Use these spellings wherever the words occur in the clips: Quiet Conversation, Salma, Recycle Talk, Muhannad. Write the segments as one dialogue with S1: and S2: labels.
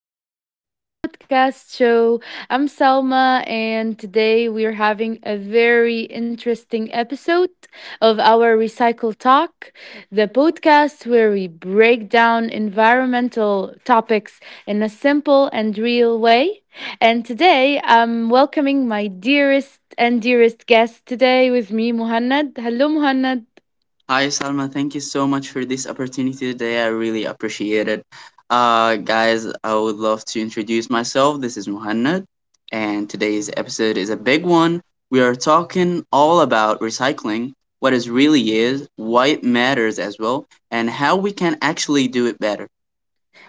S1: to our new podcast show. I'm Salma, and today we are having a very interesting episode of our Recycle Talk, the podcast where we break down environmental topics in a simple and real way. And today I'm welcoming my dearest and dearest guest today with me, Muhannad. Hello, Muhannad.
S2: Hi, Salma. Thank you so much for this opportunity today. I really appreciate it. Guys, I would love to introduce myself. This is Muhannad, and today's episode is a big one. We are talking all about recycling, what it really is, why it matters as well, and how we can actually do it better.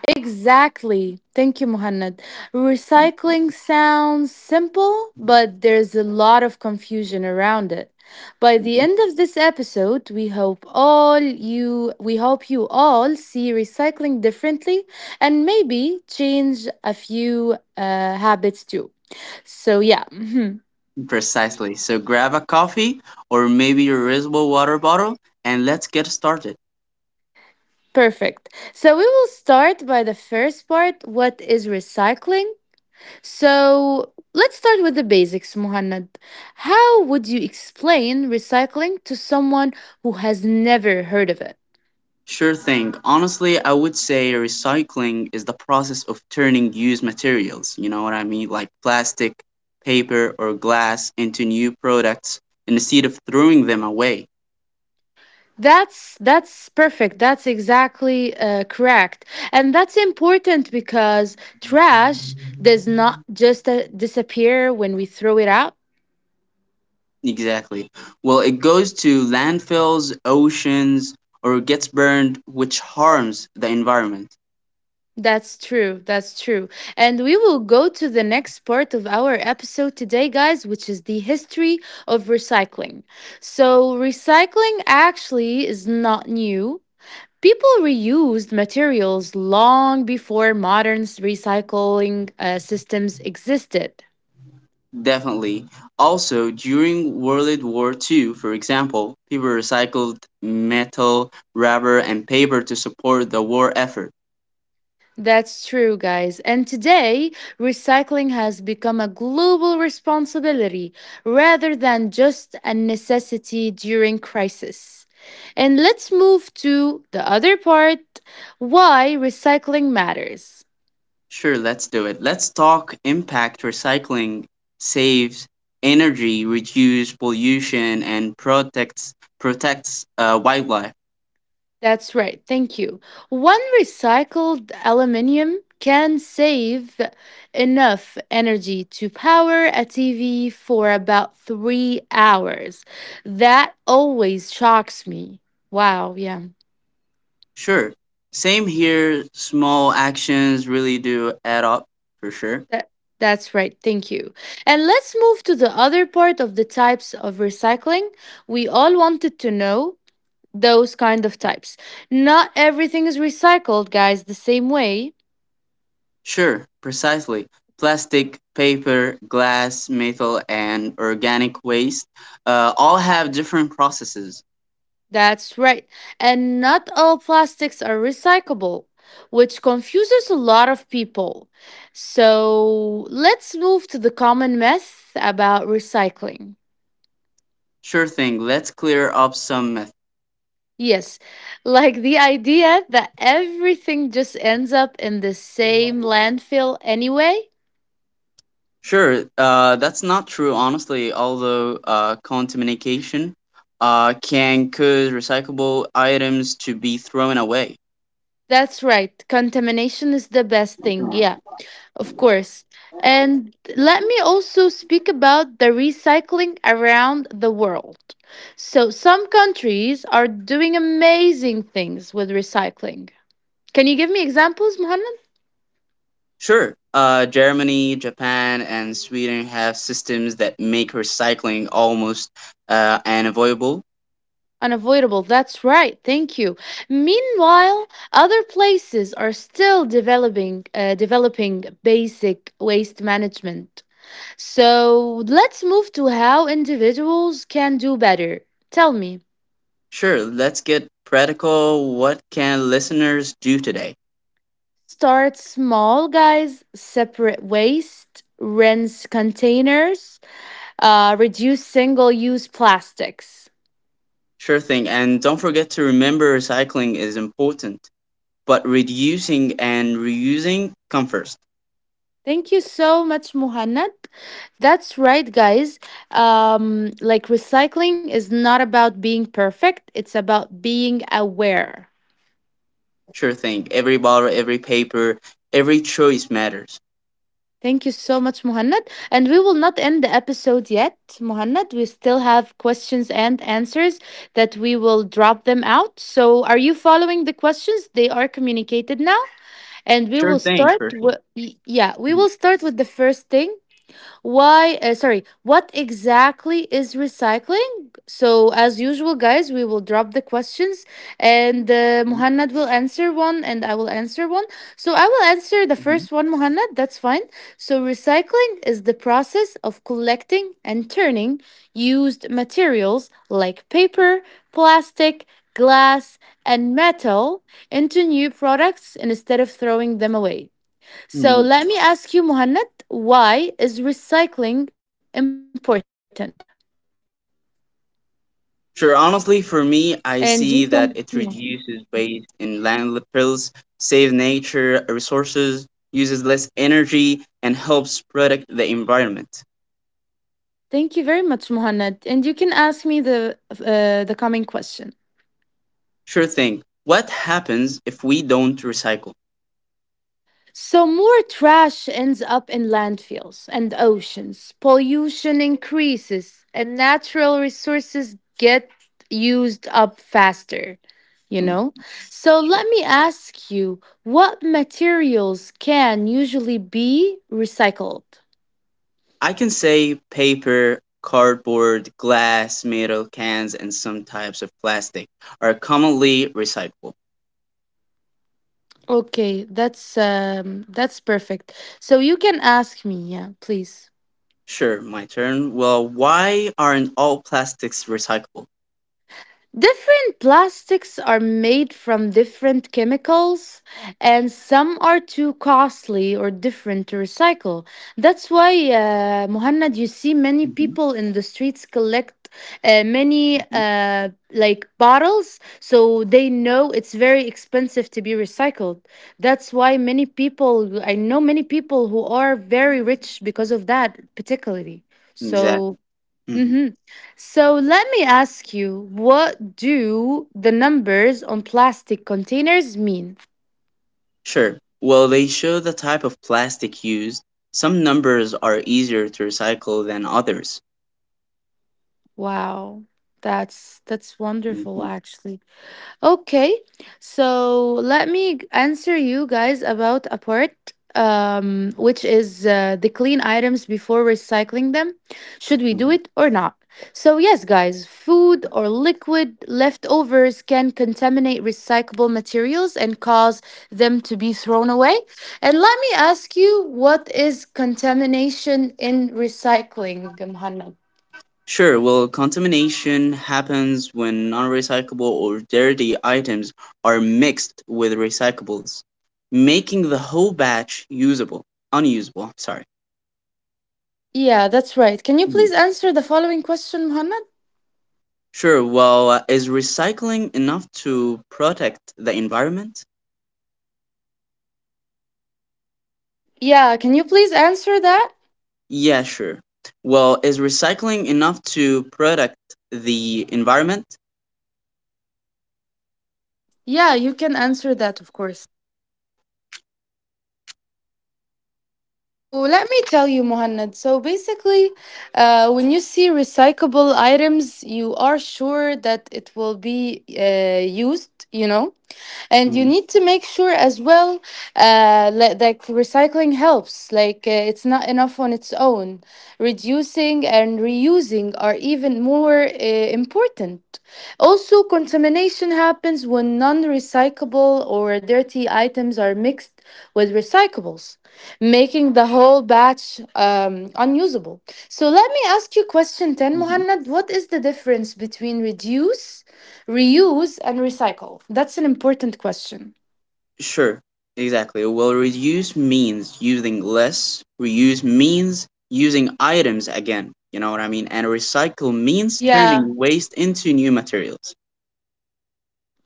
S1: Exactly. Thank you, Muhannad. Recycling sounds simple, but there's a lot of confusion around it. By the
S2: Mhm.
S1: end of this episode, we hope you all see recycling differently and maybe change a few habits too. So yeah,
S2: Precisely. So grab a coffee or maybe your reusable water bottle, and let's get started.
S1: perfect. So we will start by the first part. What is recycling? So let's start with the basics, Muhannad. How would you explain recycling to someone who has never heard of it?
S2: Sure thing. Honestly, I would say recycling is the process of turning used materials, you know what I mean, like plastic, paper, or glass, into new products instead of throwing them away.
S1: That's perfect. That's exactly correct, and that's important because trash does not just disappear when we throw it out.
S2: Exactly. Well, it goes to landfills, oceans, or gets burned, which harms the environment.
S1: That's true. That's true. And we will go to the next part of our episode today, guys, which is the history of recycling. So, recycling actually is not new. People reused materials long before modern recycling systems existed.
S2: Definitely. Also, during World War Two, for example, people recycled metal, rubber, and paper to support the war effort.
S1: That's true, guys. And today, recycling has become a global responsibility rather than just a necessity during crisis. And let's move to the other part, why recycling matters.
S2: Sure, let's do it. Let's talk impact recycling saves energy, reduces pollution, and protects wildlife.
S1: That's right. Thank you. One recycled aluminium can save enough energy to power a TV for about 3 hours. That always shocks me. Wow. Yeah.
S2: Sure. Same here. Small actions really do add up for sure.
S1: That, that's right. Thank you. And let's move to the other part of the types of recycling. We all wanted to know those kind of types. Not everything is recycled, guys, the same way.
S2: Sure, precisely. Plastic, paper, glass, metal, and organic waste all have different processes.
S1: That's right. And not all plastics are recyclable, which confuses a lot of people. So let's move to the common myth about recycling.
S2: Sure thing. Let's clear up some myths.
S1: Yes, like the idea that everything just ends up in the same landfill anyway.
S2: Sure, that's not true, honestly. Although contamination can cause recyclable items to be thrown away.
S1: That's right. Contamination is the best thing.
S2: Yeah.
S1: Yeah, of course. And let me also speak about the recycling around the world. So, some countries are doing amazing things with recycling. Can you give me examples, Muhammad?
S2: Sure, Germany, Japan, and Sweden have systems that make recycling almost unavoidable.
S1: Unavoidable. That's right. Thank you. Meanwhile, other places are still developing developing basic waste management. So let's move to how individuals can do better. Tell me.
S2: Sure, let's get practical. What can listeners do today?
S1: Start small, guys. Separate waste, rinse containers, reduce single use plastics.
S2: Sure thing, and don't forget to remember recycling is important, but reducing and reusing come first.
S1: Thank you so much, Muhannad. That's right, guys. Like recycling is not about being perfect, it's about being aware.
S2: Sure thing. Every bottle, every paper, every choice matters.
S1: Thank you so much, Muhannad. And we will not end the episode yet, Muhannad. We still have questions and answers that we will drop them out. So, are you following the questions? They are communicated now. And we
S2: Sure
S1: will
S2: thing,
S1: start.
S2: for sure.
S1: Yeah, we will
S2: Mhm,
S1: start with the first thing. What exactly is recycling? So, as usual, guys, we will drop the questions and Muhannad will answer one and I will answer one. So, I will answer the
S2: mhm,
S1: first one, Muhannad, that's fine. So, recycling is the process of collecting and turning used materials like paper, plastic, glass, and metal into new products instead of throwing them away. So
S2: mhm.
S1: let me ask you, Muhannad, why is recycling important?
S2: Sure, honestly, for me, I see
S1: And you-
S2: that it reduces waste in landfills, saves nature resources, uses less energy, and helps protect the environment.
S1: Thank you very much, Muhannad. And you can ask me the coming question.
S2: Sure thing. What happens if we don't recycle?
S1: So more trash ends up in landfills and oceans. Pollution increases, and natural resources get used up faster. You
S2: Hmm.
S1: know. So let me ask you, what materials can usually be recycled?
S2: I can say paper, cardboard, glass, metal cans, and some types of plastic are commonly recyclable.
S1: Okay, that's perfect. So you can ask me, yeah, please.
S2: Sure, my turn. Well, why aren't all plastics recyclable?
S1: Different plastics are made from different chemicals, and some are too costly or different to recycle. That's why, Muhannad, you see many
S2: Hmm.
S1: people in the streets collect many
S2: Hmm.
S1: like bottles, so they know it's very expensive to be recycled. That's why many people, I know many people who are very rich because of that, particularly.
S2: Exactly.
S1: So
S2: Hmm.
S1: hmm. So let me ask you, what do the numbers on plastic containers mean?
S2: Sure. Well, they show the type of plastic used. Some numbers are easier to recycle than others.
S1: Wow, that's wonderful
S2: Hmm.
S1: actually. Okay, so let me answer you guys about a part, which is the clean items before recycling them. Should we do it or not? So, yes, guys, food or liquid leftovers can contaminate recyclable materials and cause them to be thrown away. And let me ask you, what is contamination in recycling, Muhammad?
S2: Sure, well, contamination happens when non-recyclable or dirty items are mixed with recyclables, making the whole batch usable, unusable, I'm sorry.
S1: Yeah, that's right. Can you
S2: Mm.
S1: please answer the following question, Muhammad?
S2: Sure, well, is recycling enough to protect the environment?
S1: Yeah, can you please answer that?
S2: Yeah, sure. Well, is recycling enough to protect the environment?
S1: Yeah, you can answer that, of course. So let me tell you, Muhannad. So basically, when you see recyclable items, you are sure that it will be used, you know? And you
S2: Mhm.
S1: need to make sure as well like recycling helps, it's not enough on its own. Reducing and reusing are even more important. Also, contamination happens when non-recyclable or dirty items are mixed with recyclables, making the whole batch unusable. So let me ask you question 10,
S2: Mhm.
S1: Muhannad. What is the difference between reduce, reuse, and recycle? That's an important question.
S2: Sure, exactly. Well, reduce means using less, reuse means using items again, you know what I mean? And recycle means
S1: Yeah.
S2: turning waste into new materials.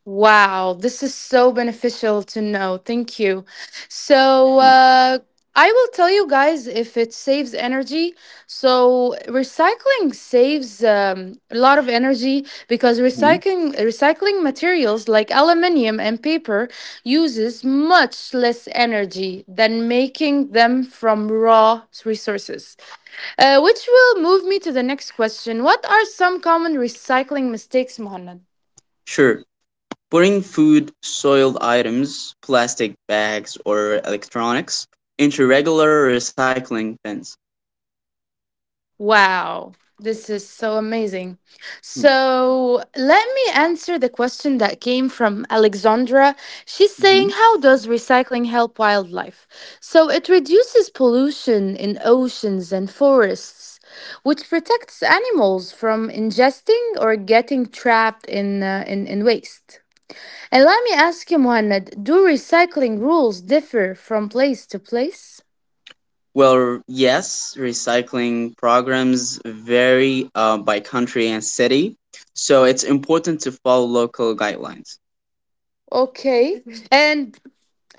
S1: Wow. This is so beneficial to know. Thank you. So, I will tell you guys if it saves energy. So, recycling saves a lot of energy because
S2: Mhm.
S1: recycling materials like aluminum and paper uses much less energy than making them from raw resources. Which will move me to the next question. What are some common recycling mistakes, Muhammad?
S2: Sure, putting food, soiled items, plastic bags, or electronics into regular recycling bins.
S1: Wow, this is so amazing. So, let me answer the question that came from Alexandra. She's
S2: Mm-hmm.
S1: saying, how does recycling help wildlife? So, it reduces pollution in oceans and forests, which protects animals from ingesting or getting trapped in waste. And let me ask you, Muhammad, do recycling rules differ from place to place?
S2: Well, yes, recycling programs vary by country and city, so it's important to follow local guidelines.
S1: Okay. And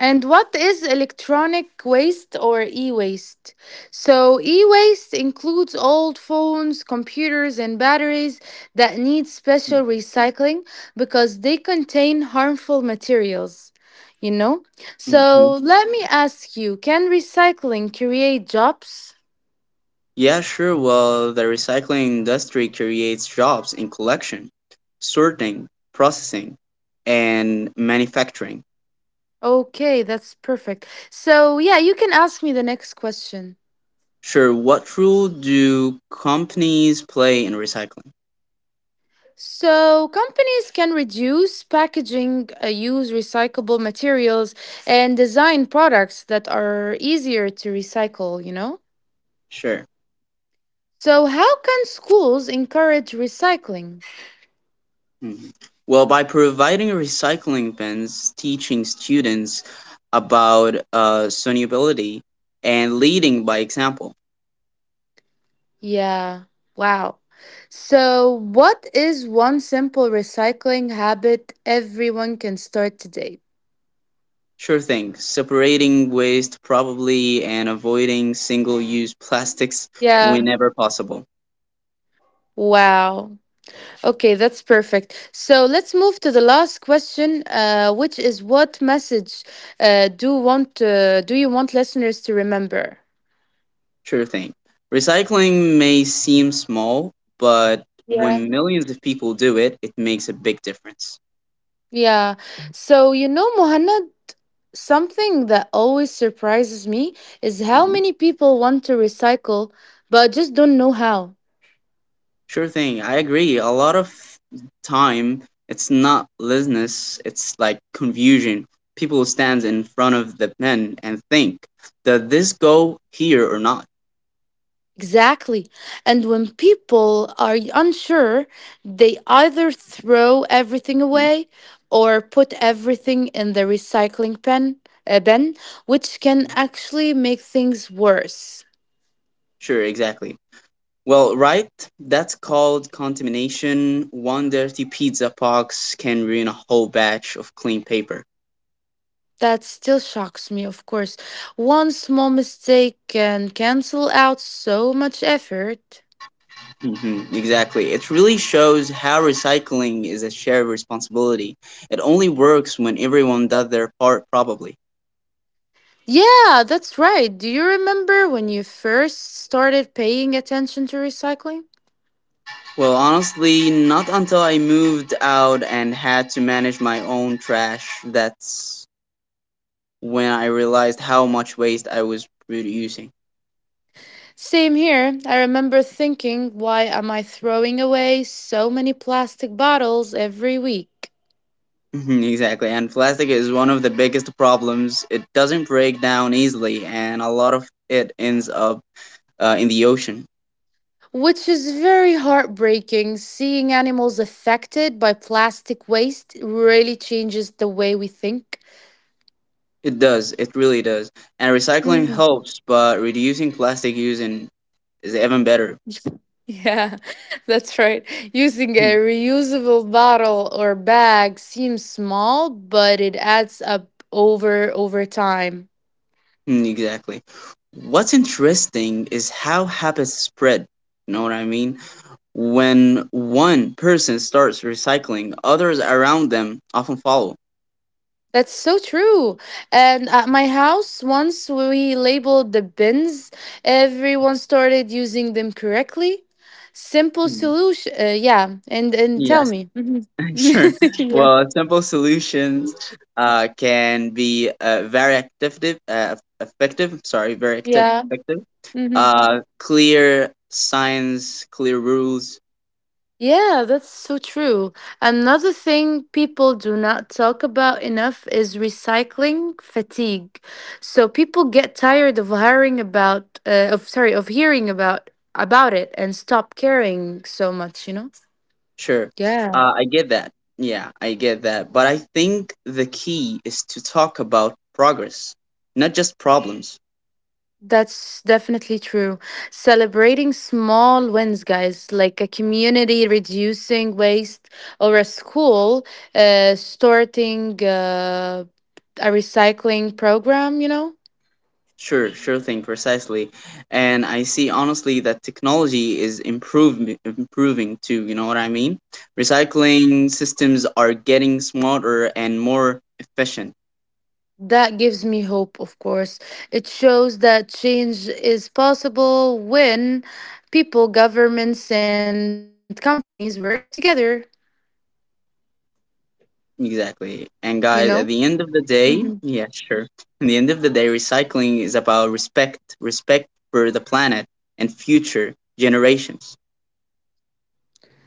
S1: and what is electronic waste or e-waste? So e-waste includes old phones, computers and batteries that need special recycling because they contain harmful materials. You know? So
S2: Mhm.
S1: let me ask you, can recycling create jobs?
S2: Yeah, sure. Well, the recycling industry creates jobs in collection, sorting, processing, and manufacturing.
S1: Okay, that's perfect. So, yeah, you can ask me the next question.
S2: Sure. What role do companies play in recycling?
S1: So, companies can reduce packaging, use recyclable materials, and design products that are easier to recycle, you know?
S2: Sure.
S1: So, how can schools encourage recycling?
S2: Mhm. Well, by providing recycling bins, teaching students about sustainability, and leading by example.
S1: Yeah, wow. So, what is one simple recycling habit everyone can start today?
S2: Sure thing. Separating waste probably and avoiding single-use plastics
S1: Yeah,
S2: whenever possible.
S1: wow. Okay, that's perfect. So let's move to the last question, which is what message do you want listeners to remember?
S2: Sure thing. Recycling may seem small, but
S1: Yeah,
S2: when millions of people do it, it makes a big difference.
S1: yeah. So you know, Muhannad, something that always surprises me is how
S2: Mhm.
S1: many people want to recycle but just don't know how.
S2: Sure thing. I agree. A lot of time, it's not laziness, it's like confusion. People stands in front of the pen and think, does this go here or not?
S1: Exactly. And when people are unsure, they either throw everything
S2: Mhm.
S1: away or put everything in the recycling bin, which can actually make things worse.
S2: Sure, exactly. Well, right? That's called contamination. One dirty pizza box can ruin a whole batch of clean paper.
S1: That still shocks me, of course. One small mistake can cancel out so much effort.
S2: Hmm, exactly. It really shows how recycling is a shared responsibility. It only works when everyone does their part, probably.
S1: Yeah, that's right. Do you remember when you first started paying attention to recycling?
S2: Well, honestly, not until I moved out and had to manage my own trash. That's when I realized how much waste I was producing.
S1: Same here. I remember thinking, why am I throwing away so many plastic bottles every week?
S2: Mhm. Exactly, and plastic is one of the biggest problems. It doesn't break down easily, and a lot of it ends up in the ocean.
S1: Which is very heartbreaking. Seeing animals affected by plastic waste really changes the way we think.
S2: It does, it really does. And recycling
S1: Mm.
S2: helps, but reducing plastic using is even better.
S1: Yeah, that's right. Using a
S2: Mm,
S1: reusable bottle or bag seems small, but it adds up over time.
S2: mm. Exactly. What's interesting is how habits spread. You know what I mean? When one person starts recycling, others around them often follow.
S1: That's so true. And at my house, once we labeled the bins, everyone started using them correctly. Simple
S2: Mm.
S1: solution. Yeah. And tell
S2: Yes.
S1: me. Mhm.
S2: Sure.
S1: Yeah.
S2: Well, simple solutions can be very effective, uh, effective, sorry, very active,
S1: Yeah.
S2: effective.
S1: Hmm.
S2: Clear signs, clear rules.
S1: Yeah, that's so true. Another thing people do not talk about enough is recycling fatigue. So people get tired of hearing about of sorry, of hearing about it and stop caring so much, you know?
S2: Sure.
S1: Yeah,
S2: I get that. Yeah, I get that. But I think the key is to talk about progress, not just problems.
S1: that's definitely true. Celebrating small wins, guys, like a community reducing waste or a school starting a recycling program, you know?
S2: Sure thing, precisely. And I see honestly that technology is improving, too, you know what I mean? Recycling systems are getting smarter and more efficient.
S1: That gives me hope, of course. It shows that change is possible when people, governments, and companies work together,
S2: Exactly. And guys, at
S1: you
S2: the end
S1: know?
S2: of the day, yeah,
S1: Hmm.
S2: sure. At the end of the day, recycling is about respect, respect for the planet and future generations.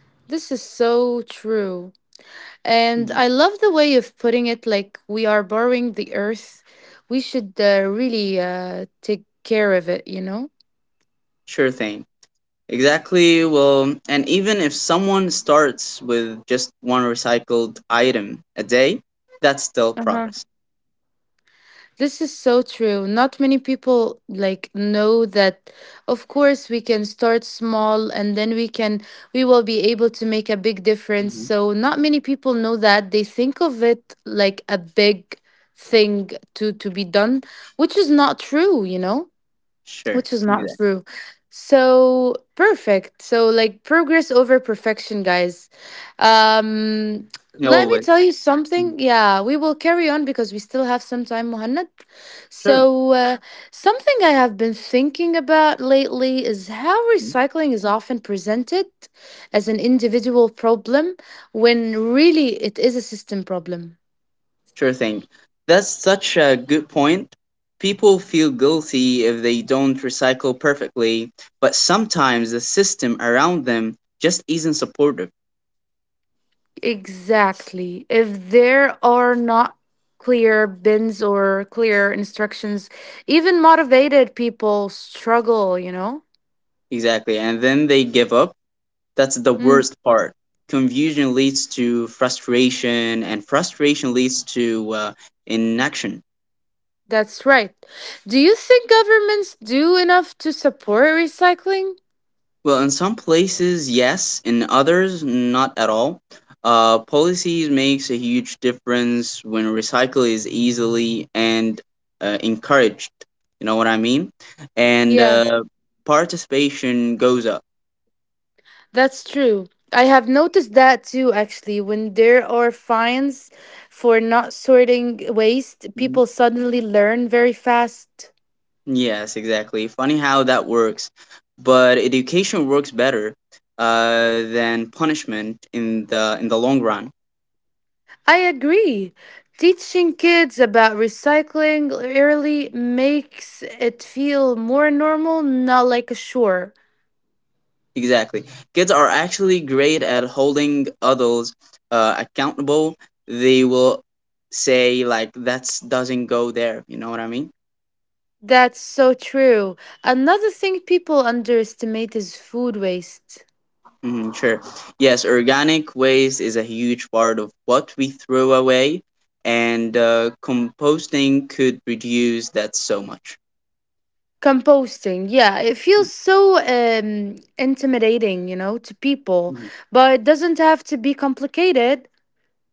S1: This is so true. And
S2: Mm.
S1: I love the way of putting it, like we are borrowing the earth. We should really take care of it, you know?
S2: Sure thing. Exactly. Well, and even if someone starts with just one recycled item a day, that's still
S1: Uh huh.
S2: progress.
S1: This is so true. Not many people like know that, of course we can start small and then we will be able to make a big difference.
S2: Mhm.
S1: So not many people know that. They think of it like a big thing to be done, which is not true, you know?
S2: Sure.
S1: Which is not
S2: Exactly.
S1: true. So perfect. So like progress over perfection, guys. Um
S2: No,
S1: Let me
S2: always.
S1: tell you
S2: Mhm.
S1: something. Yeah, we will carry on because we still have some time, Muhannad.
S2: Sure.
S1: So uh, something I have been thinking about lately is how
S2: Mhm.
S1: recycling is often presented as an individual problem when really it is a system problem.
S2: Sure thing. That's such a good point. People feel guilty if they don't recycle perfectly, but sometimes the system around them just isn't supportive.
S1: Exactly. If there are not clear bins or clear instructions, even motivated people struggle, you know?
S2: Exactly. And then they give up. That's the
S1: Mm,
S2: worst part. Confusion leads to frustration, and frustration leads to inaction.
S1: that's right. Do you think governments do enough to support recycling?
S2: Well, in some places, yes, in others, not at all. Policies makes a huge difference when recycle is easily and encouraged. You know what I mean? And
S1: Yeah,
S2: uh, participation goes up.
S1: that's true. I have noticed that too, actually. When there are fines for not sorting waste, people suddenly learn very fast.
S2: Yes, exactly. Funny how that works. But education works better than punishment in the long run.
S1: I agree. Teaching kids about recycling early makes it feel more normal, not like a chore.
S2: Exactly. Kids are actually great at holding adults accountable. They will say like that doesn't go there. You know what I mean?
S1: That's so true. Another thing people underestimate is food waste.
S2: Hmm, sure. Yes, organic waste is a huge part of what we throw away, and composting could reduce that so much.
S1: Composting, yeah, it feels so intimidating, to people, but it doesn't have to be complicated.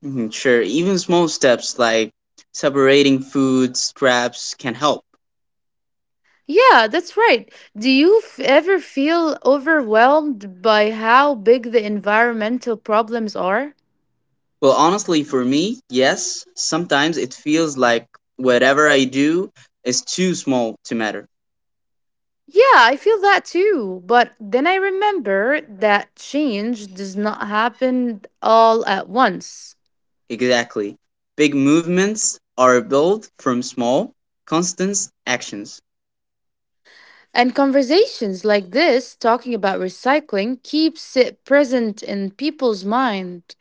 S2: Mhm. Sure, even small steps like separating food scraps can help.
S1: Yeah, that's right. Do you ever feel overwhelmed by how big the environmental problems are?
S2: Well, honestly, for me, yes, sometimes it feels like whatever I do is too small to matter.
S1: Yeah, I feel that too. But then I remember that change does not happen all at once.
S2: Exactly. Big movements are built from small, constant actions.
S1: And conversations like this, talking about recycling, keeps it present in people's mind.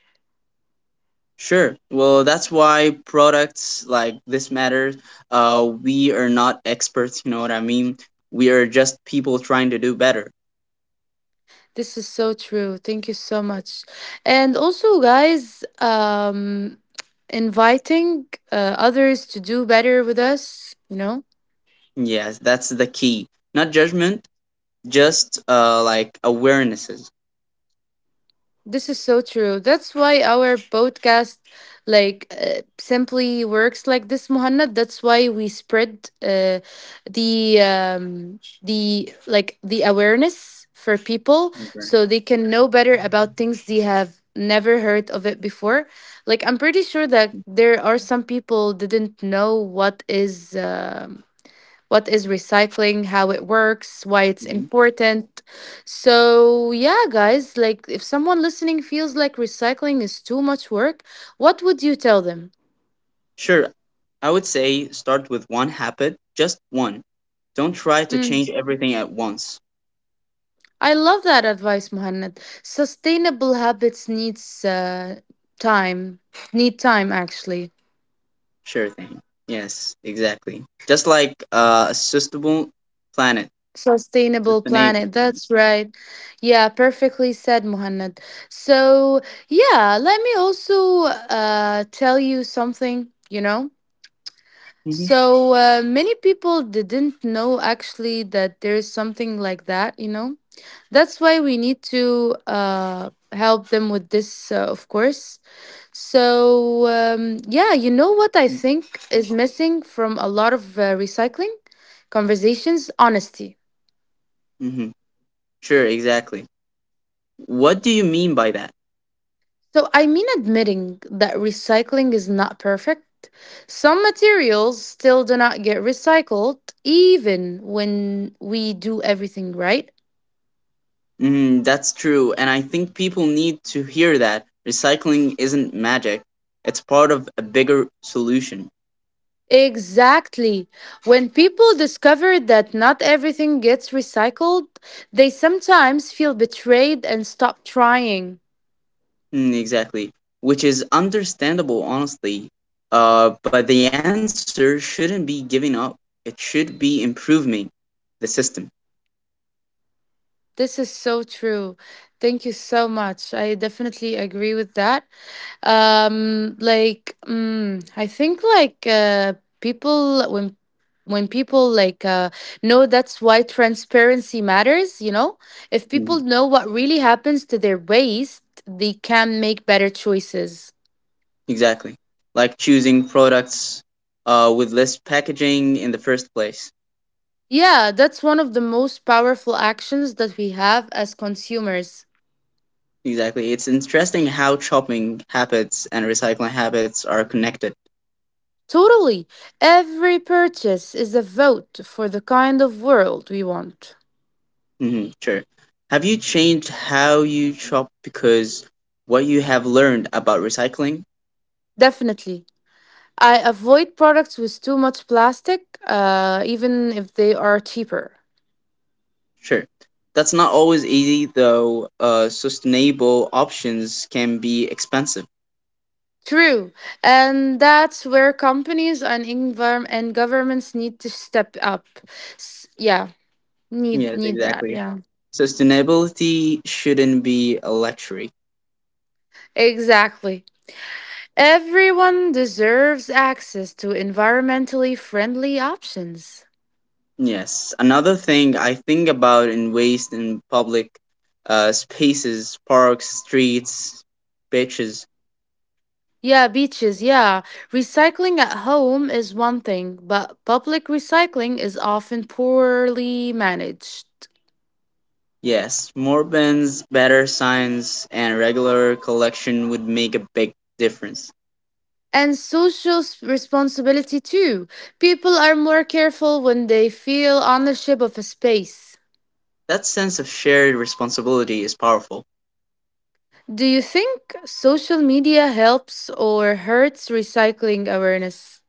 S2: Sure. Well, that's why products like this matter. We are not experts, you know what I mean? We are just people trying to do better.
S1: This is so true. Thank you so much. And also, guys, inviting others to do better with us, you know?
S2: Yes, that's the key. Not judgment, just like awarenesses.
S1: This is so true. That's why our podcast like simply works like this, Muhannad. That's why we spread the the awareness for people
S2: Okay.
S1: so they can know better about things they have never heard of it before. Like I'm pretty sure that there are some people didn't know what is recycling, how it works, why it's
S2: Hmm.
S1: important. So, yeah, guys, like if someone listening feels like recycling is too much work, what would you tell them?
S2: Sure, I would say start with one habit, just one. Don't try to
S1: Mm,
S2: change everything at once.
S1: I love that advice, Muhannad. Sustainable habits needs time. Need time actually.
S2: Sure thing. Yes, exactly. Just like a sustainable planet,
S1: Sustainable
S2: sustainable
S1: planet.
S2: planet.
S1: That's right. Yeah, perfectly said, Muhannad. So, yeah, let me also tell you something, you know.
S2: Hmm.
S1: So many people didn't know actually that there is something like that, you know. That's why we need to help them with this, of course. So yeah, you know what I think is missing from a lot of recycling conversations? Honesty.
S2: Mm-hmm. Sure, exactly. What do you mean by that?
S1: So I mean admitting that recycling is not perfect. Some materials still do not get recycled, even when we do everything right.
S2: Mm, that's true, and I think people need to hear that recycling isn't magic. It's part of a bigger solution.
S1: Exactly. When people discover that not everything gets recycled, they sometimes feel betrayed and stop trying.
S2: Mm, exactly. Which is understandable, honestly. But the answer shouldn't be giving up. It should be improving the system.
S1: This is so true. Thank you so much. I definitely agree with that. Like, mm, I think like people when people like know that's why transparency matters. You know, if
S2: Mhm.
S1: people know what really happens to their waste, they can make better choices.
S2: Exactly. Like choosing products with less packaging in the first place.
S1: Yeah, that's one of the most powerful actions that we have as consumers.
S2: Exactly. It's interesting how shopping habits and recycling habits are connected.
S1: Totally. Every purchase is a vote for the kind of world we want.
S2: Hmm. Sure. Have you changed how you shop because what you have learned about recycling?
S1: Definitely. I avoid products with too much plastic, even if they are cheaper.
S2: Sure. That's not always easy, though. Sustainable options can be expensive.
S1: True. And that's where companies and governments need to step up. S- yeah, need
S2: Yes,
S1: need that.
S2: exactly.
S1: Yeah.
S2: Sustainability shouldn't be a luxury.
S1: Exactly. Everyone deserves access to environmentally friendly options.
S2: Yes. Another thing I think about in waste in public spaces, parks, streets, beaches.
S1: Yeah, beaches, yeah. Recycling at home is one thing, but public recycling is often poorly managed.
S2: Yes, more bins, better signs, and regular collection would make a big difference.
S1: And social responsibility, too. People are more careful when they feel ownership of a space.
S2: That sense of shared responsibility is powerful.
S1: Do you think social media helps or hurts recycling awareness?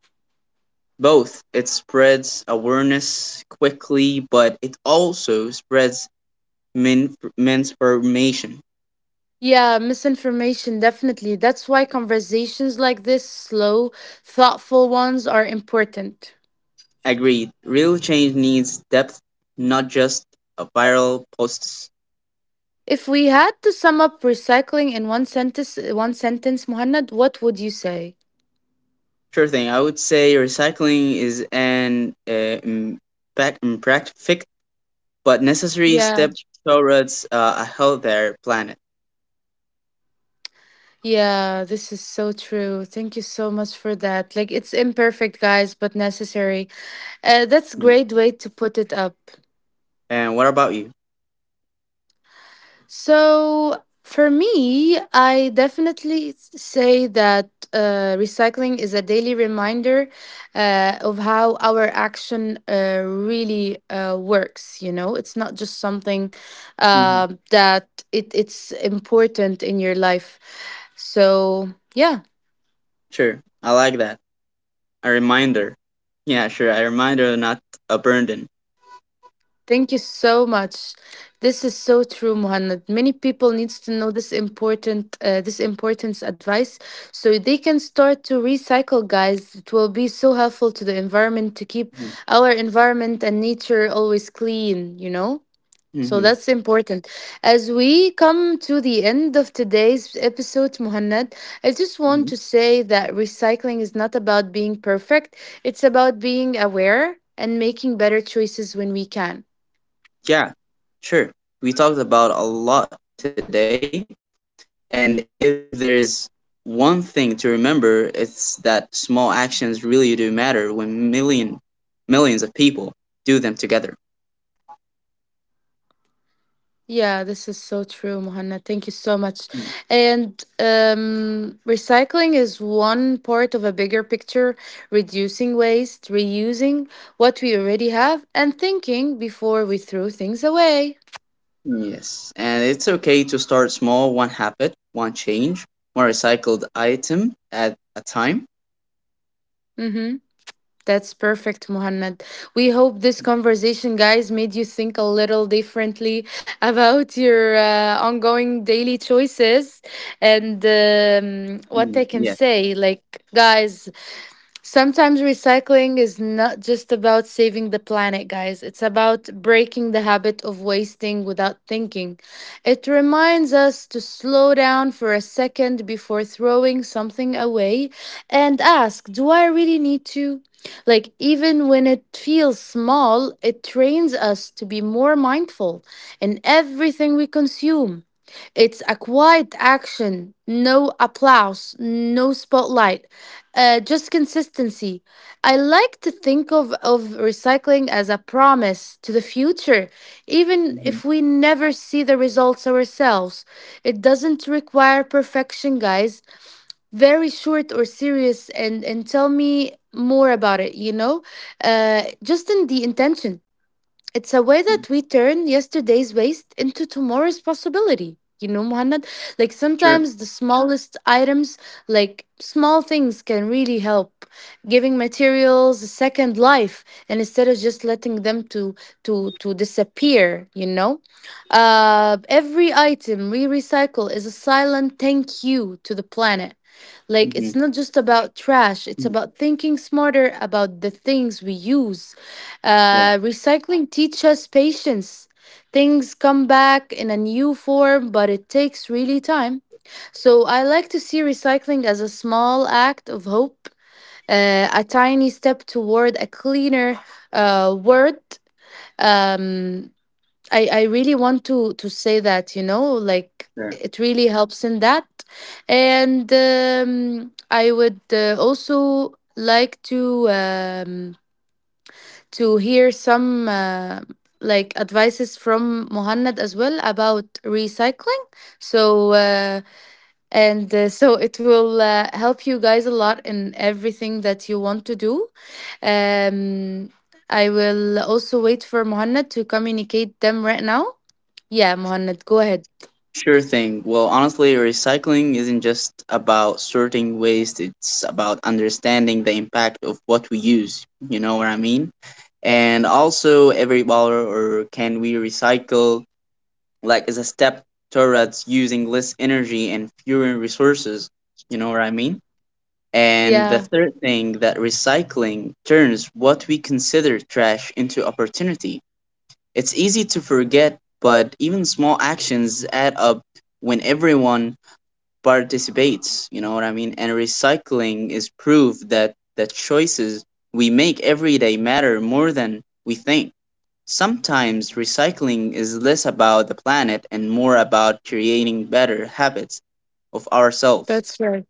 S2: Both. It spreads awareness quickly, but it also spreads misinformation.
S1: Yeah, misinformation, definitely. That's why conversations like this, slow, thoughtful ones, are important.
S2: Agreed. Real change needs depth, not just a viral posts.
S1: If we had to sum up recycling in one sentence, Muhannad, what would you say?
S2: Sure thing. I would say recycling is an imperfect but necessary
S1: Yeah.
S2: step towards a healthier planet.
S1: Yeah, this is so true. Thank you so much for that. Like, it's imperfect, guys, but necessary. That's a
S2: Mm.
S1: great way to put it up.
S2: And what about you?
S1: So for me, I definitely say that recycling is a daily reminder of how our action really works. You know, it's not just something
S2: Hmm.
S1: that it's important in your life. So yeah.
S2: Sure. I like that. A reminder. Yeah, sure. A reminder, not a burden.
S1: Thank you so much. This is so true, Muhammad. Many people needs to know this important this importance advice so they can start to recycle, guys. It will be so helpful to the environment to keep our environment and nature always clean, you know? So
S2: Mm-hmm.
S1: that's important. As we come to the end of today's episode, Muhammad, I just want
S2: Mhm.
S1: to say that recycling is not about being perfect. It's about being aware and making better choices when we can.
S2: Yeah, sure. We talked about a lot today, and if there is one thing to remember, it's that small actions really do matter when millions of people do them together.
S1: Yeah, this is so true, Mohanna. Thank you so
S2: Mm.
S1: much. And recycling is one part of a bigger picture reducing waste, reusing what we already have, and thinking before we throw things away.
S2: Yes, and it's okay to start small, one habit, one change, one recycled item at a time.
S1: Mm-hmm. That's perfect, Mohanna. We hope this conversation, guys, made you think a little differently about your ongoing daily choices. And what
S2: Mm.
S1: I can
S2: Yeah.
S1: say, like, guys, sometimes recycling is not just about saving the planet, guys. It's about breaking the habit of wasting without thinking. It reminds us to slow down for a second before throwing something away and ask, do I really need to? Like, even when it feels small, it trains us to be more mindful in everything we consume. It's a quiet action, no applause, no spotlight, just consistency. I like to think of recycling as a promise to the future, even
S2: Hmm.
S1: if we never see the results ourselves. It doesn't require perfection, guys. Very short or serious, and tell me more about it, you know? Just in the intention. It's a way that we turn yesterday's waste into tomorrow's possibility. You know, Muhammad, like
S2: Sure.
S1: sometimes the smallest items, like small things, can really help. Giving materials a second life, and instead of just letting them to disappear, you know, every item we recycle is a silent thank you to the planet. Like,
S2: Hmm.
S1: it's not just about trash, it's about thinking smarter about the things we use.
S2: Yeah,
S1: Recycling teaches us patience. Things come back in a new form, but it takes really time. So, I like to see recycling as a small act of hope, a tiny step toward a cleaner world. Um, I really want to say that you know like
S2: sure.
S1: it really helps in that and I would also like to hear some like advices from Muhannad as well about recycling so and so it will help you guys a lot in everything that you want to do um, I will also wait for Muhannad to communicate them right now yeah, Mohanad, go ahead.
S2: Sure thing. Well, honestly, recycling isn't just about sorting waste, it's about understanding the impact of what we use. You know what I mean? And also, every dollar or can we recycle, like, is a step towards using less energy and fewer resources. You know what I mean? And the
S1: Yeah,
S2: third thing that recycling turns what we consider trash into opportunity. It's easy to forget, but even small actions add up when everyone participates, you know what I mean, and recycling is proof that the choices we make every day matter more than we think. Sometimes recycling is less about the planet and more about creating better habits of ourselves.
S1: that's right.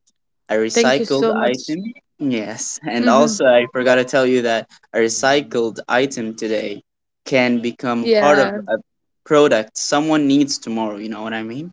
S2: A
S1: Thank you
S2: recycled
S1: so much.
S2: item, yes. And
S1: Hmm.
S2: also, I forgot to tell you that a recycled item today can become part of
S1: Yeah,
S2: a product someone needs tomorrow, you know what I mean.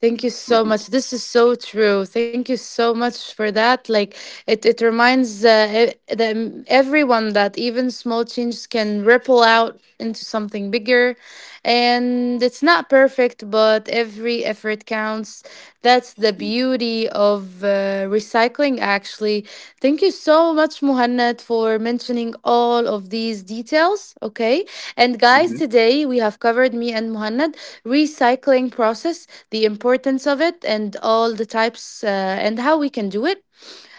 S1: thank you so much. This is so true. Thank you so much for that. Like, it reminds e- them everyone that even small changes can ripple out into something bigger, and it's not perfect, but every effort counts. That's the beauty of recycling. Actually, thank you so much, Muhannad, for mentioning all of these details. Okay, and guys,
S2: Mm-hmm.
S1: today we have covered me and Muhannad recycling process, the importance of it, and all the types and how we can do it.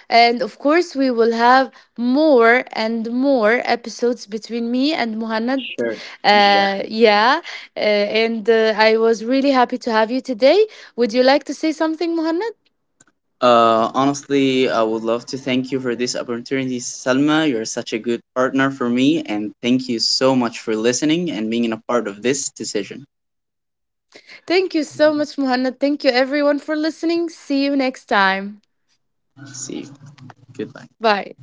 S1: And of course, we will have more and more episodes between me and Muhannad.
S2: Sure.
S1: Yeah. And I was really happy to have you today. Would you like to say something, Muhannad?
S2: Honestly, I would love to thank you for this opportunity, Salma. You're such a good partner for me, and thank you so much for listening and being a part of this decision.
S1: Thank you so much, Muhannad. Thank you, everyone, for listening. See you next time.
S2: See you. Goodbye.
S1: Bye.